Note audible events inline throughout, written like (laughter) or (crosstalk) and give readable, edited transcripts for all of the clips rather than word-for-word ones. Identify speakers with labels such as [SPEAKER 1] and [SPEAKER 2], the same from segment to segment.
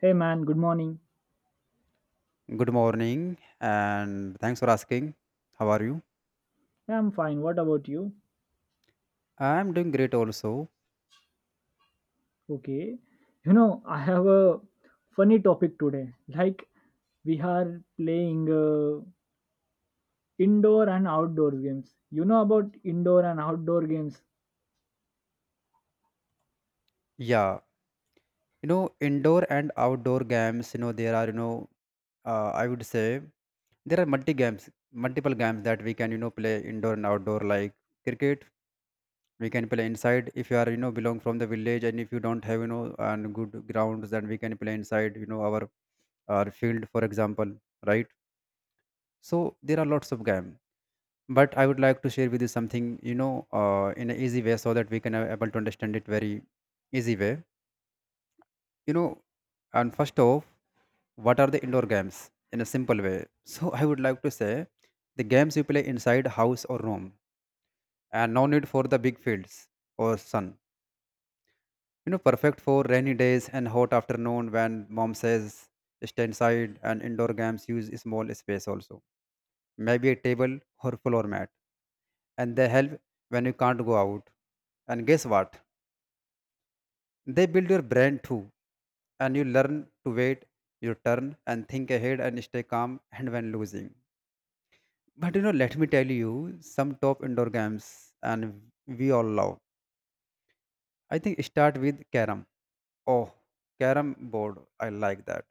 [SPEAKER 1] Hey man, good morning.
[SPEAKER 2] Good morning, and thanks for asking. How are you?
[SPEAKER 1] Yeah, I'm fine. What about you?
[SPEAKER 2] I'm doing great also.
[SPEAKER 1] Okay. You know, I have a funny topic today. Like, we are playing indoor and outdoor games. You know about indoor and outdoor games?
[SPEAKER 2] Yeah, indoor and outdoor games, there are, I would say there are multiple games that we can, play indoor and outdoor, like cricket. We can play inside if you are, belong from the village, and if you don't have, and good grounds, then we can play inside, our field, for example, right? So there are lots of games, but I would like to share with you something in an easy way, so that we can able to understand it very easy way, you know and first off, what are the indoor games in a simple way? (laughs) So I would like to say the games you play inside house or room, and no need for the big fields or sun. Perfect for rainy days and hot afternoon when mom says stay inside. And indoor games use small space also, maybe a table or floor mat, and they help when you can't go out. And guess what? They build your brain too, and you learn to wait your turn and think ahead and stay calm and when losing. But let me tell you some top indoor games and we all love. I think start with carom. Oh, carom board. I like that.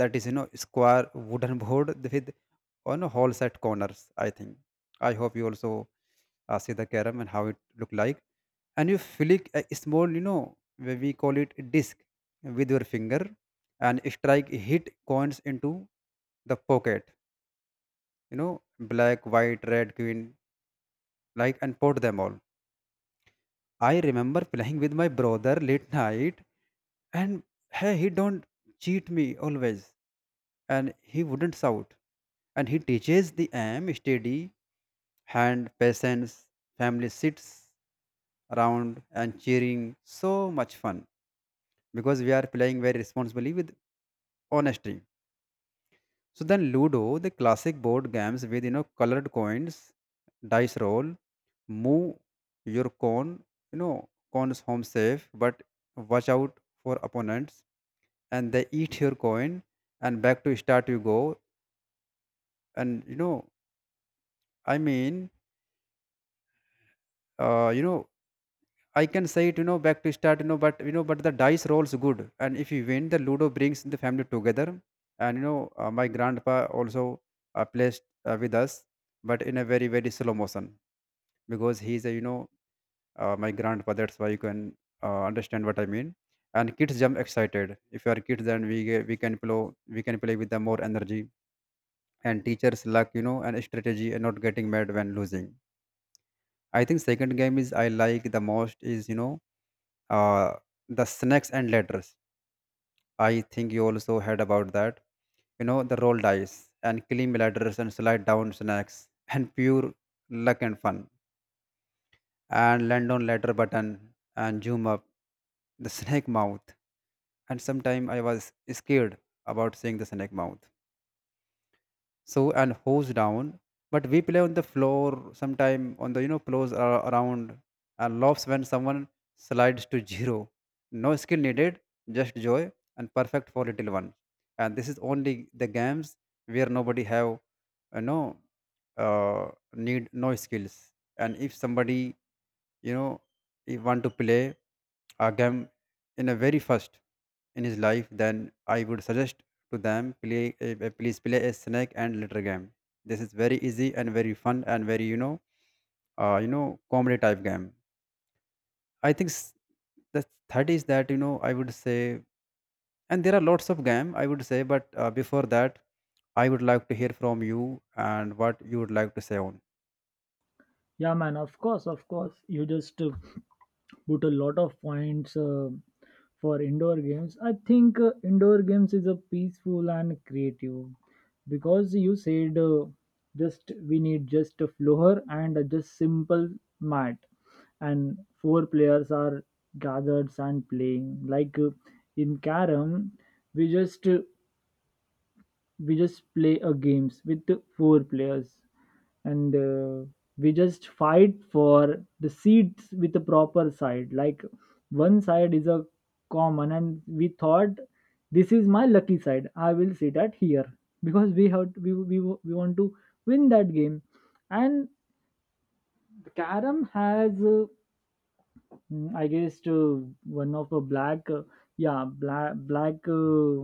[SPEAKER 2] That is square wooden (laughs) board with on a whole set corners, I think. I hope you also see the carom and how it look like, and you flick a small, where we call it disc with your finger and strike hit coins into the pocket, black, white, red, green, like, and put them all. I remember playing with my brother late night, and hey, he don't cheat me always, and he wouldn't shout, and he teaches the aim steady hand patience, family sits around and cheering so much fun because we are playing very responsibly with honesty. So then Ludo, the classic board games with colored coins, dice roll, move your cone, cones home safe, but watch out for opponents and they eat your coin and back to start you go. And you know, I mean, uh, you know, I can say it, back to start, but the dice rolls good, and if you win, the Ludo brings the family together. My grandpa also plays with us, but in a very very slow motion because he's a my grandpa. That's why you can understand what I mean. And kids jump excited. If you are kids, then we can play with the more energy. And teachers luck, and strategy and not getting mad when losing. I think second game is I like the most is uh, the snakes and ladders. I think you also heard about that. The roll dice and climb ladders and slide down snakes (laughs) and pure luck and fun. And land on ladder button and zoom up the (laughs) snake mouth. And sometime I was scared about seeing the snake mouth. So and hose down, but we play on the floor sometime on the floors are around, and laughs when someone slides to zero. No skill needed, just joy, and perfect for little one. And this is only the games where nobody have you know uh, need no skills. And if somebody, you know he want to play a game in a very first in his life, then I would suggest to them play please play a snake and litter game. This is very easy and very fun and very comedy type game. i think s- the third is that, I would say, and there are lots of game I would say, but before that, I would like to hear from you and what you would like to say on.
[SPEAKER 1] Yeah, man, of course, of course. You just put a lot of points for indoor games. I think indoor games is a peaceful and creative because you said just we need just a floor and a just simple mat, and four players are gathered and playing like in carom we just uh, we just play a games with the four players, and we just fight for the seats with the proper side. Like one side is a common, and we thought this is my lucky side, I will sit at here because we have to, we want to win that game. And carom has I guess one of a black yeah,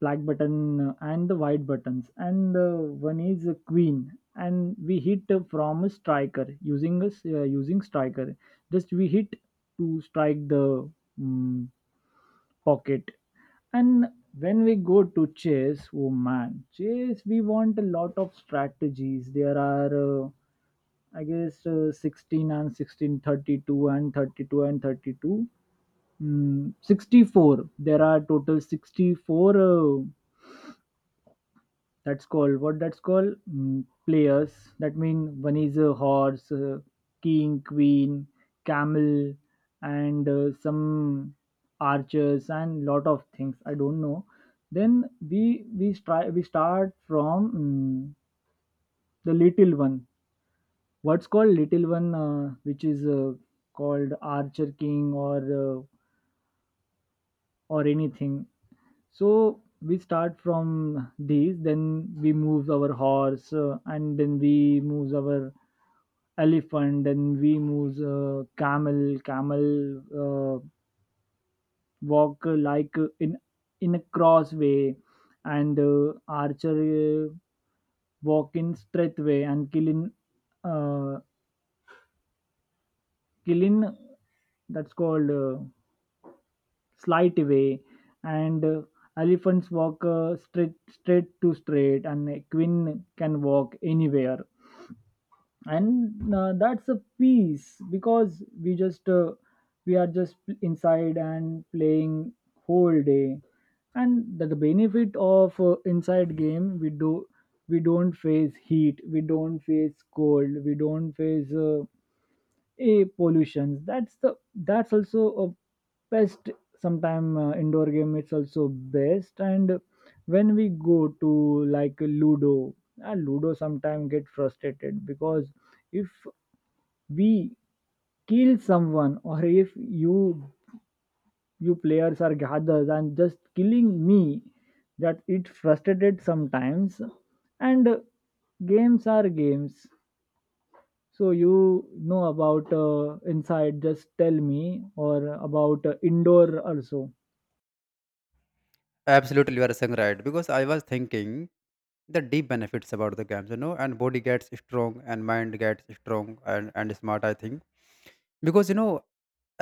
[SPEAKER 1] black button, and the white buttons, and one is a queen, and we hit from a striker, using striker, just we hit to strike the mm, pocket. And when we go to chess, oh man, chess, we want a lot of strategies. There are I guess 16 and 16, 32 and 32 and 32 64. There are total 64 uh, that's called what? That's called players. That mean one is a horse, king, queen, camel, and some archers and lot of things. I don't know. Then we start from the little one. What's called little one, which is called archer king, or uh, or anything. So we start from these, then we move our horse, and then we move our elephant, then we move camel. Camel walk like in a crossway, and archer walk in straight way, and kill in, uh, kill in that's called. Slight way, and elephants walk straight, and a queen can walk anywhere, and that's a piece, because we are just inside and playing whole day. And the benefit of inside game we don't face heat, we don't face cold, we don't face a pollution. That's also a best sometime. Indoor game, it's also best. And when we go to like ludo, ludo sometimes get frustrated because if we kill someone, or if you players are gathered and just killing me, that it frustrated sometimes. And games are games. So you know about inside? Just tell me. Or about indoor also.
[SPEAKER 2] Absolutely, you are saying right, because I was thinking the deep benefits about the games, and body gets strong and mind gets strong, and smart, I think. Because,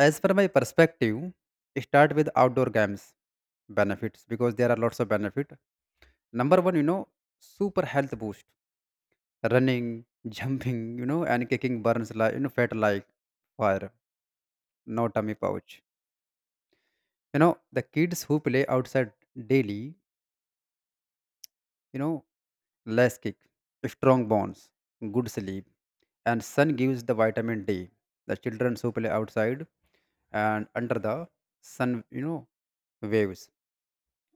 [SPEAKER 2] as per my perspective, start with outdoor games benefits because there are lots of benefit. Number one, super health boost. Running (laughs) jumping, and kicking burns like, fat like fire. No tummy pouch. The kids who play outside daily, you know less kick, strong bones, good sleep, and sun gives the vitamin D. The children who play outside and under the sun, waves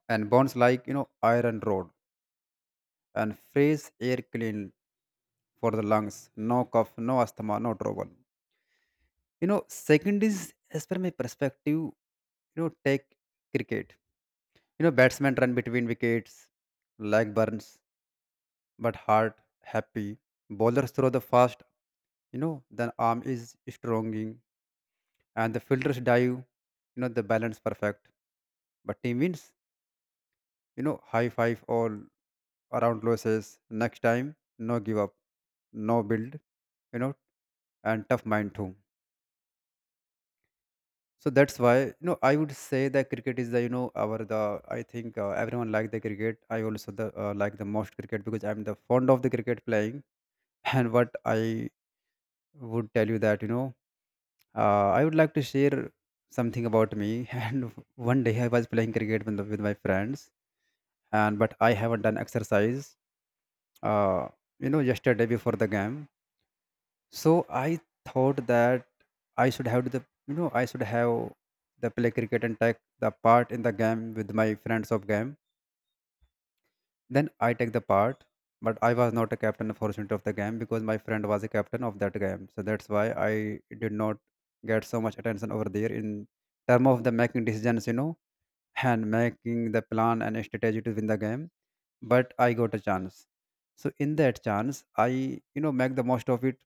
[SPEAKER 2] and bones like, iron rod, and fresh air clean for the lungs. No cough, no asthma, no trouble. Second is as per my perspective, take cricket. Batsmen run between wickets, leg burns, but heart happy. Bowlers throw the fast, then arm is stronging, and the fielders dive, the balance perfect. But team wins, high five all around losses. Next time, no give up, no build, you know, and tough mind too. So that's why, I would say that cricket is the you know our the I think, everyone like the cricket. I also the like the most cricket because I'm the fond of the cricket playing (laughs) and what I would tell you that, I would like to share something about me. (laughs) And one day I was playing cricket with with my friends, and but I haven't done exercise. Uh, yesterday before the game, so I thought that I should have the, I should have the play cricket and take the part in the game with my friends of game. Then I take the part, but I was not a captain unfortunately of the game because my friend was a captain of that game. So that's why I did not get so much attention over there in term of the making decisions, and making the plan and strategy to win the game. But I got a chance. So in that chance, I, make the most of it,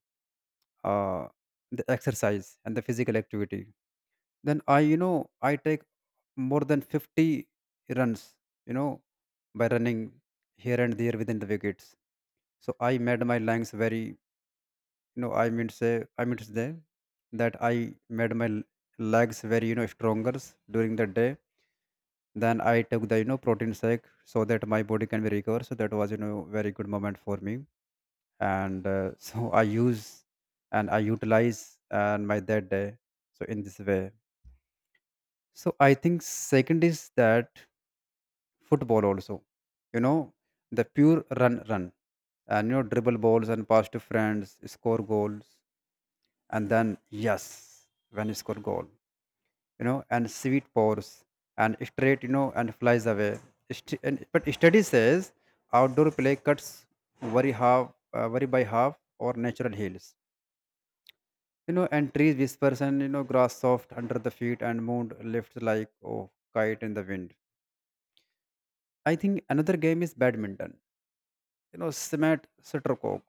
[SPEAKER 2] uh, the exercise and the physical activity. Then I you know I take more than 50 runs, you know, by running here and there within the wickets. So I made my legs very, I mean to say that I made my legs very, stronger during the day. Then I took the, protein shake so that my body can be recovered. So that was, very good moment for me. And (laughs) so I use and I utilize and my that day. So in this way. So I think second is that football also, you know the pure run, and, dribble balls and pass to friends score goals. And then yes, when you score goal, and sweet pores and straight, and flies away. But study says outdoor play cuts very half very by half or natural heels, and trees whispers, and, grass soft under the feet, and moon lifts like oh kite in the wind. I think another game is badminton, cement shuttlecock,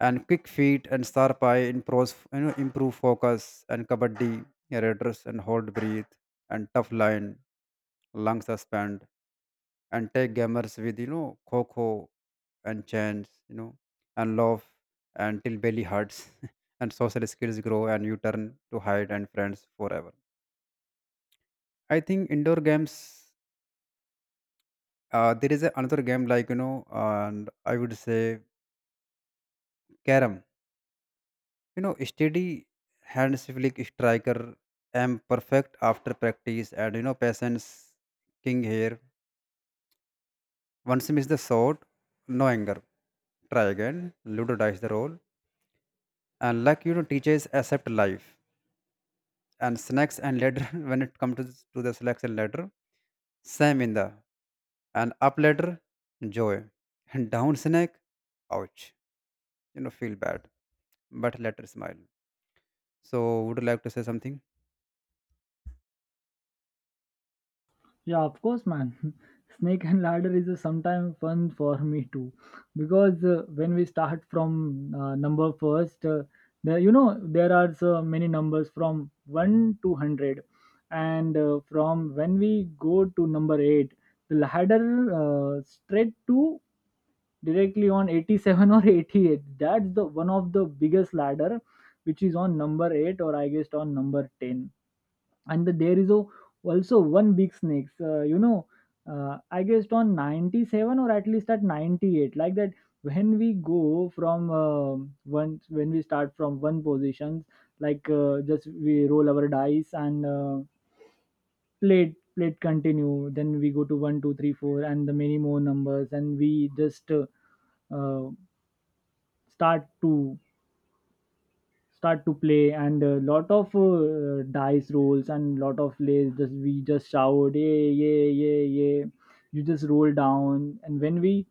[SPEAKER 2] and quick feet and sharp eye improves you know improve focus. And kabaddi, yeah, redress and hold breathe and tough line lung suspend, and take gamers with, coco and chains, and love until belly hurts (laughs) and social skills grow, and you turn to hide and friends forever. I think indoor games, there is a another game like, and I would say carom. Steady hand civic striker am perfect after practice, and, patience king here. Once miss the shot, no anger. Try again. Ludo dice the roll, and luck, teaches accept life. And snacks and ladder (laughs) when it comes to, to the selection ladder, same in the and up ladder, joy. And down snake, ouch. Feel bad, but later smile. So would you like to say something?
[SPEAKER 1] Yeah, of course, man. (laughs) Snake and ladder is sometimes fun for me too, because when we start from number first, there you know there are so many numbers from one to 100, and from when we go to number 8, the ladder straight to directly on 87 or 88. That's the one of the biggest ladder, which is on number 8 or I guess on number 10. And there is a, also one big snakes. You know, I guess on 97 or at least at 98, like that. When we go from one, when we start from one position, like just we roll our dice and plate it- continue. Then we go to one two three four and the many more numbers, and we just uh, start to start to play, and a lot of dice rolls and lot of plays, just we just shout yeah, yeah, yeah, yeah. You just roll down. And when we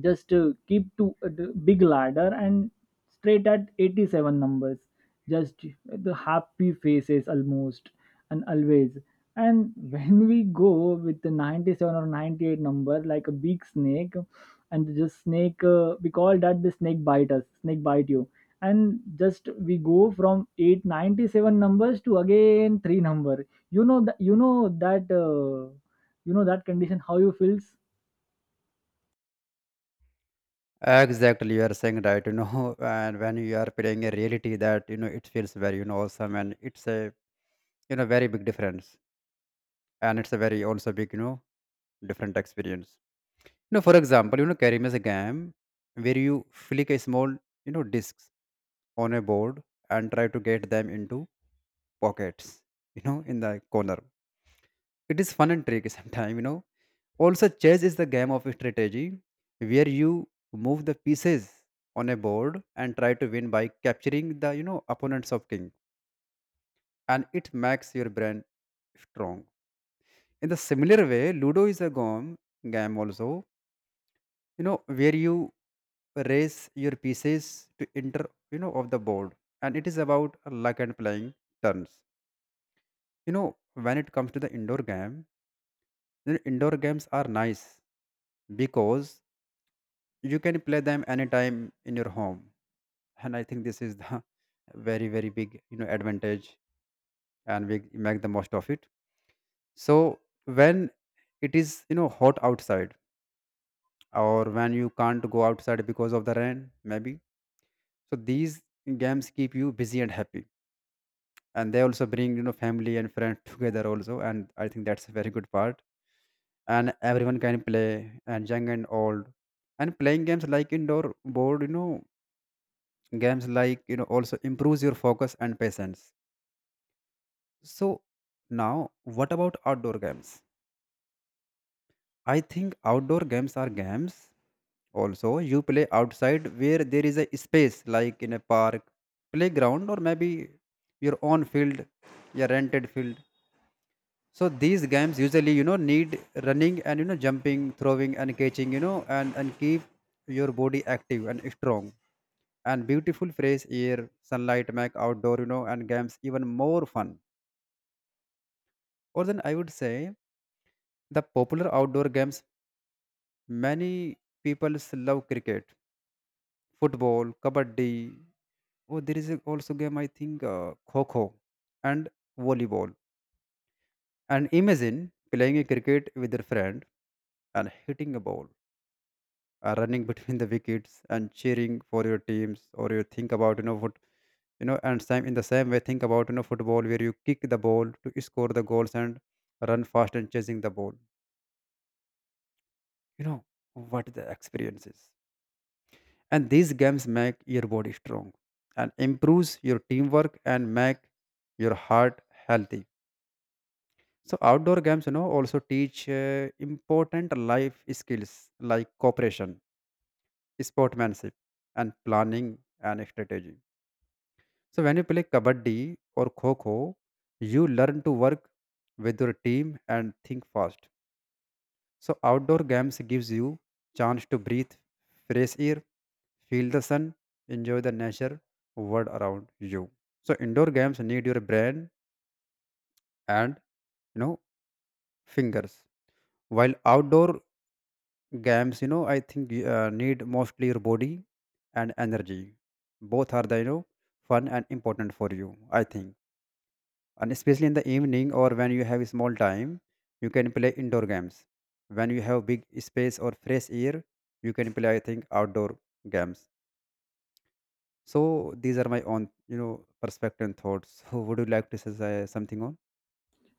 [SPEAKER 1] just keep to the big ladder and straight at 87 numbers, just the happy faces almost and always. And (laughs) when we go with the 97 or 98 number, like a big snake, and just snake, we call that the snake bite us, snake bite you, and just we go from 897 numbers to again three number. You know that. You know that, you know that condition how you feels.
[SPEAKER 2] Exactly, you are saying right, (laughs) and when you are playing a reality that, it feels very, awesome, and it's a, very big difference. And it's a very also big, different experience. For example, Karim is a game where you flick a small, discs on a board and try to get them into pockets, in the corner. It is fun and tricky (laughs) sometimes, also, chess is the game of strategy where you move the pieces on a board and try to win by capturing the opponents of king, and it makes your brain strong. In the similar way, Ludo is a game also, where you raise your pieces to enter, of the board, and it is about luck and playing turns. When it comes to the indoor game, then indoor games are nice because you can play them anytime in your home. And I think this is the (laughs) very big advantage, and we make the most of it. So when it is hot outside, or when you can't go outside because of the rain maybe, so these games keep you busy and happy, and they also bring family and friends (laughs) together also. And I think that's a very good part, and everyone can play, and young and old. And playing games like indoor board, games, like, also improves your focus and patience. So now, what about outdoor games? I think outdoor games are games also you play outside, where there is a space like in a park, playground, or maybe your own field, your rented field. So these games usually need running, and jumping, throwing and catching, and keep your body active and strong. And beautiful phrase here, sunlight make outdoor you know and games even more fun. Or then I would say the popular outdoor games. Many people love cricket, football, kabaddi. Oh, there is also game I think kho kho and volleyball. And imagine playing a cricket with your friend and hitting a ball, running (laughs) between the wickets and cheering for your teams. Or you think about what, and same in the same way think about football, where you kick the ball to score the goals and run fast and chasing the ball. You know what the experience is. And these games make your body strong and improves your teamwork and make your heart healthy. So outdoor games also teach important life skills like cooperation, sportsmanship, and planning and strategy. So when you play kabaddi or kho kho, you learn to work with your team and think fast. So outdoor games gives you chance to breathe fresh air, feel the sun, enjoy the nature world around you. So indoor games need your brain and you know fingers, while outdoor games I think need mostly your body and energy. Both are the fun and important for you. I think. And especially in the evening or when you have small time, you can play indoor games. When you have big space or fresh air, you can play I think outdoor games. So these are my own perspective and thoughts. (laughs) So would you like to say something on?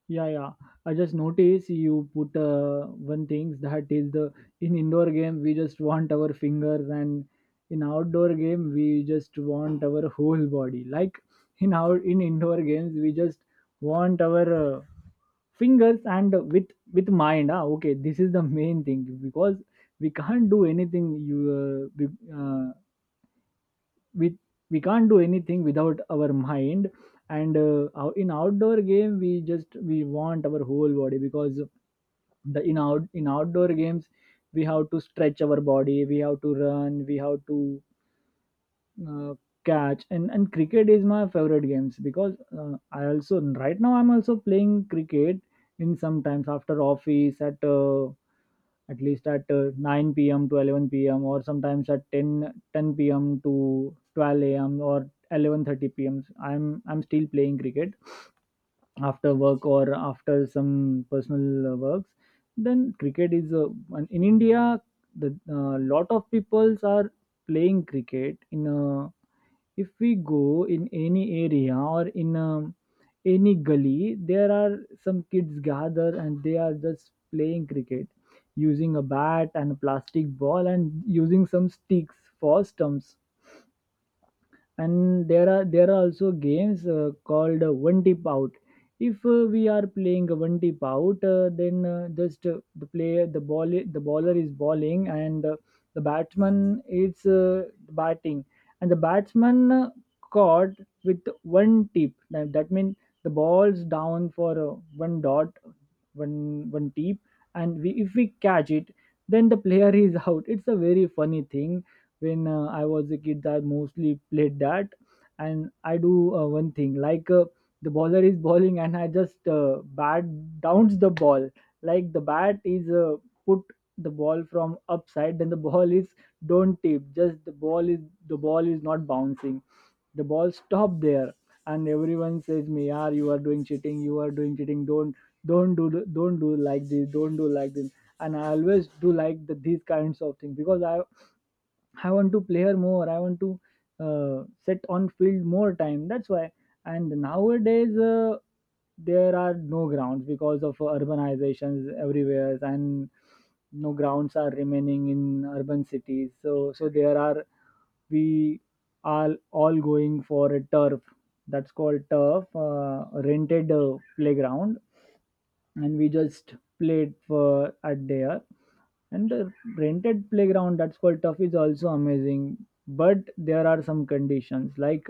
[SPEAKER 1] Yeah, yeah. I just noticed you put one thing, that is the in indoor game we just want our fingers, and in outdoor game we just want our whole body. Like in indoor games we just want our fingers, and with mind. Ah, okay, this is the main thing, because we can't do anything. You uh, be, uh, we we can't do anything without our mind. And in outdoor game we just we want our whole body, because the in out in outdoor games we have to stretch our body, we have to run, we have to uh, catch. And cricket is my favorite games, because I also right now I'm also playing cricket in sometimes after office at least at 9 p.m. to 11 p.m., or sometimes at ten p.m. to 12 a.m. or 11:30 p.m. I'm still playing cricket after work or after some personal works. Then cricket is in India. The lot of peoples are playing cricket in a if we go in any area or in any gully, there are some kids gather and they are just playing cricket using a bat and a plastic ball and using some sticks for stumps. And there are also games called one tip out. If we are playing a one tip out, then just the bowler is bowling, and the batsman is batting, and the batsman caught with one tip. That means the ball's down for one dot, one tip. And we, if we catch it, then the player (laughs) is out. It's a very funny thing. When I was a kid, I mostly played that. And I do one thing, like the bowler is bowling, and I just bat downs the ball. Like the bat is put the ball from upside, then the ball is don't tip, just the ball is not bouncing. The ball stop there, and everyone says me, yeah, you are doing cheating, you are doing cheating, don't do, don't do like this, don't do like this. And I always do like these kinds of things, because I want to play her more. I want to set on field more time. That's why. And nowadays, there are no grounds because of urbanizations everywhere, and no grounds are remaining in urban cities. So, so there are we are all going for a turf. That's called turf, rented playground, and we just played for at there. And the rented playground that's called tough is also amazing, but there are some conditions. Like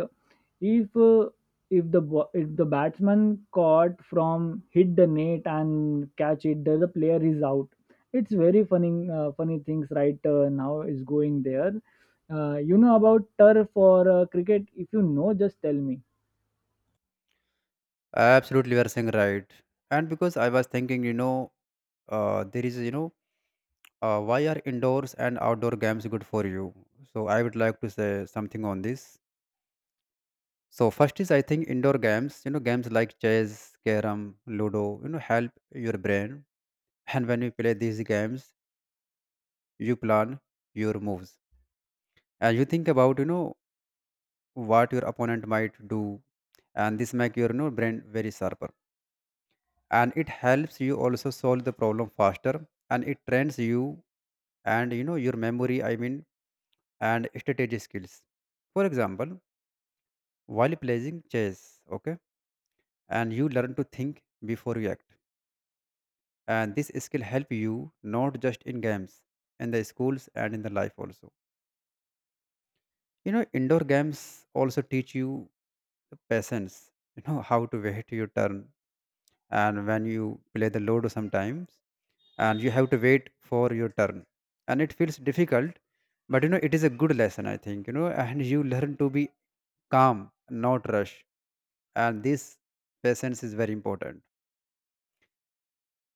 [SPEAKER 1] if if the batsman caught from hit the net and catch it, the player is out. It's very funny things, right? Now is going there. You know about turf for cricket? If you know, just tell me.
[SPEAKER 2] Absolutely, you are saying right. And because I was thinking, there is, why are indoors and outdoor games good for you, so I would like to say something on this. So first is I think indoor games, games like chess, carrom, ludo, help your brain. And when you play these games, you plan your moves and you think about, what your opponent might do, and this make your brain very sharper. And it helps you also solve the problem faster, and it trains you and your memory. I mean, and strategy skills. For example, while playing chess, okay, and you learn to think before you act, and this skill help you not just in games, in the schools and in the life also. You know, indoor games also teach you the patience, how to wait your turn. And when you play the ludo sometimes, and you have to wait for your turn, and it feels difficult, but it is a good lesson I think, and you learn to be calm, not rush. And this patience is very important.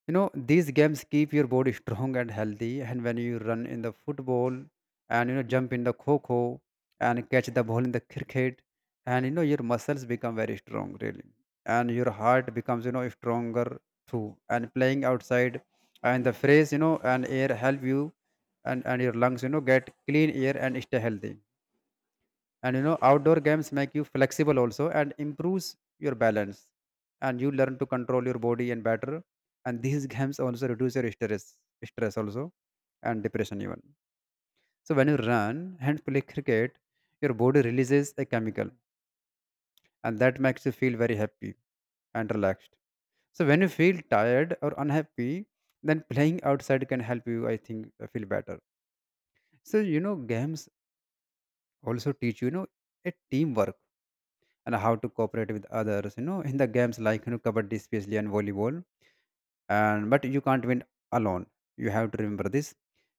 [SPEAKER 2] These games keep your body strong and healthy. And when you run in the football, and, jump in the kho, and catch the ball in the cricket, and, your muscles become very strong, really. And your heart becomes, stronger too. And playing outside, and the fresh, and air help you, and your lungs, get clean air and stay healthy. And outdoor games make you flexible also and improves your balance, and you learn to control your body and better. And these (laughs) games also reduce your stress also, and depression even. So when you run and play cricket, your body releases a chemical, and that makes you feel very happy and relaxed. So when you feel tired or unhappy, then playing outside can help you I think feel better. So games also teach you, you know a teamwork, and how to cooperate with others, in the games like kabaddi especially and volleyball. And but you can't win alone, you have to remember this.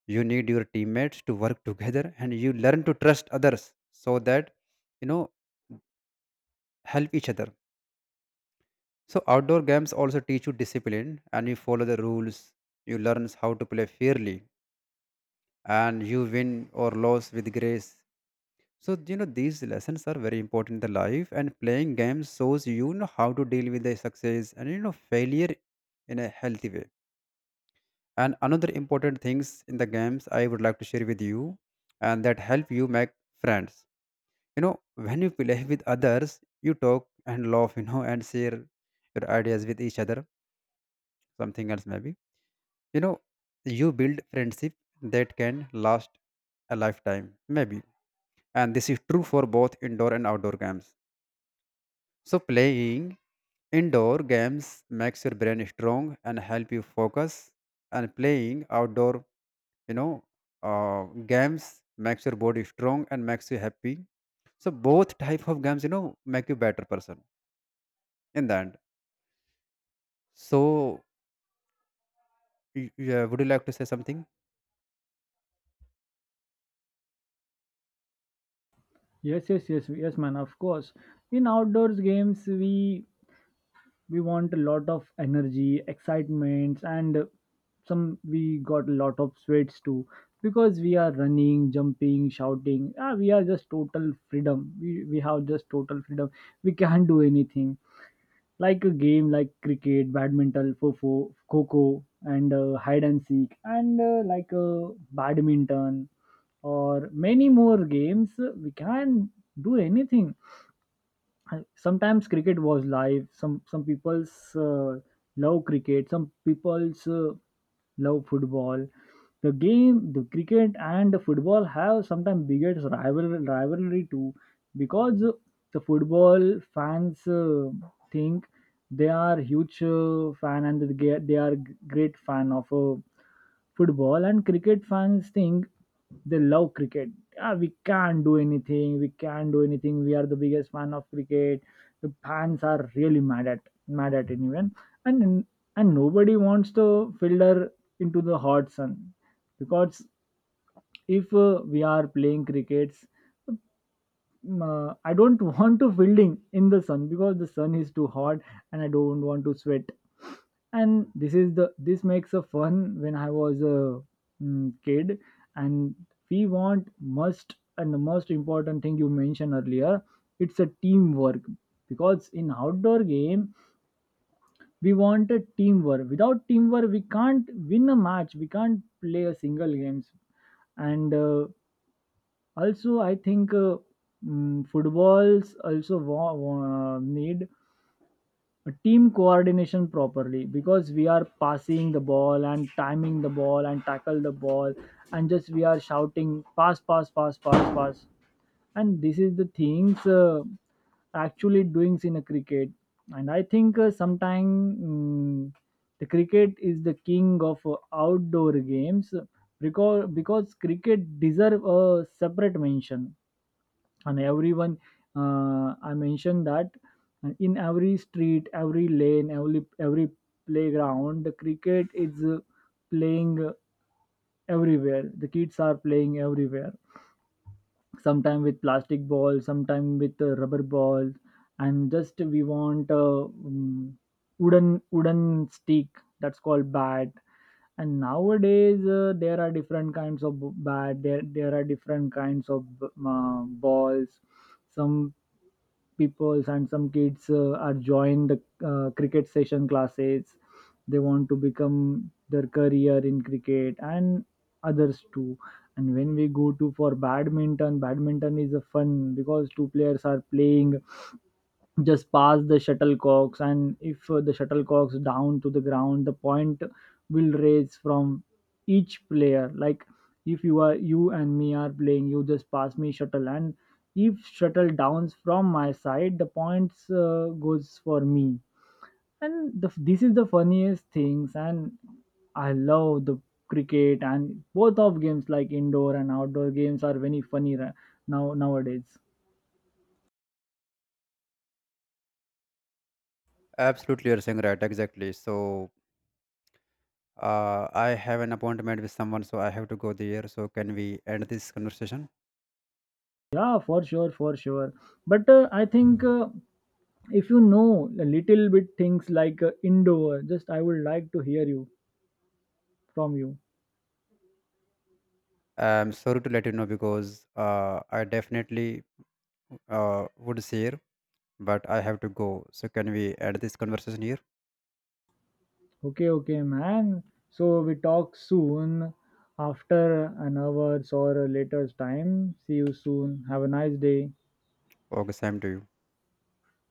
[SPEAKER 2] You need your teammates to work together, and you learn to trust others, so that you know help each other. So outdoor games also teach you discipline, and you follow the rules, you learn how to play fairly, and you win or lose with grace. So these lessons are very important in the life, and playing games shows how to deal with the success and failure in a healthy way. And another important things in the games I would like to share with you, and that help you make friends. When you play with others, you talk and laugh, and share your ideas with each other. Something else maybe. You know you build friendship that can last a lifetime maybe, and this is true for both indoor and outdoor games. So playing indoor games makes your brain strong and help you focus. And playing outdoor, you know, games makes your body strong and makes you happy. So both type of games, make you better person in the end. So yeah, would you like to say something?
[SPEAKER 1] Yes, yes, yes, yes, man, of course. In outdoors games, we want a lot of energy, excitements, and some we got a lot of sweats too, because we are running, jumping, shouting. Ah, we are just total freedom. We have just total freedom. We can't do anything, like a game like cricket, badminton, fofo, coco, and hide and seek, and like badminton, or many more games. We can do anything. Sometimes cricket was live. Some people's love cricket, some people's love football. The game, the cricket and the football, have sometimes biggest rivalry too, because the football fans think they are huge fan, and they are great fan of football, and cricket fans think they love cricket. Ah, we can't do anything. We can't do anything. We are the biggest fan of cricket. The fans are really mad at anyone. And and nobody wants to filter into the hot sun, because if we are playing crickets, I don't (laughs) want to fielding in the sun, because the sun is too hot, and I don't want to sweat. And this is the this makes a fun when I was a kid. And we want must and the most important thing you mentioned earlier, it's a teamwork, because in outdoor game, we wanted teamwork. Without teamwork, we can't win a match, we can't play a single games. And also I think footballs also need team coordination properly, because we are passing the ball, and timing the ball, and tackle the ball, and just we are shouting pass, pass, pass, pass, pass. And this is the things actually doings in a cricket. And I think sometime, mm, the cricket is the king of outdoor games, because cricket deserve a separate mention. And everyone, I mentioned that in every street, every lane, every playground, the cricket is playing everywhere. The kids are playing everywhere, sometime with plastic balls, sometime with rubber balls. And just we want a wooden stick, that's called bat. And nowadays there are different kinds of bat. There are different kinds of balls. Some peoples and some kids are joined cricket session classes. They want to become their career in cricket, and others too. And when we go to for badminton, is a fun, because two players are playing just pass the shuttlecocks. And if the shuttlecocks down to the ground, the point will raise from each player. Like if you are, you and me are playing, you just pass me shuttle, and if shuttle downs from my side, the points goes for me. And this is the funniest things, and I love the cricket. And both of games, like indoor and outdoor games, are very funny now nowadays.
[SPEAKER 2] Absolutely, you're saying right. Exactly. So I have an appointment with someone, so I have to go there. So can we end this conversation?
[SPEAKER 1] Yeah, for sure, for sure. But I think if you know a little bit things like indoor, just I would like to hear you from you.
[SPEAKER 2] I'm sorry to let you know because I definitely would share, but I have to go. So can we end this conversation here?
[SPEAKER 1] Okay, okay, man. So we talk soon after an hour's or a later's time. See you soon. Have a nice day.
[SPEAKER 2] Okay, same to you.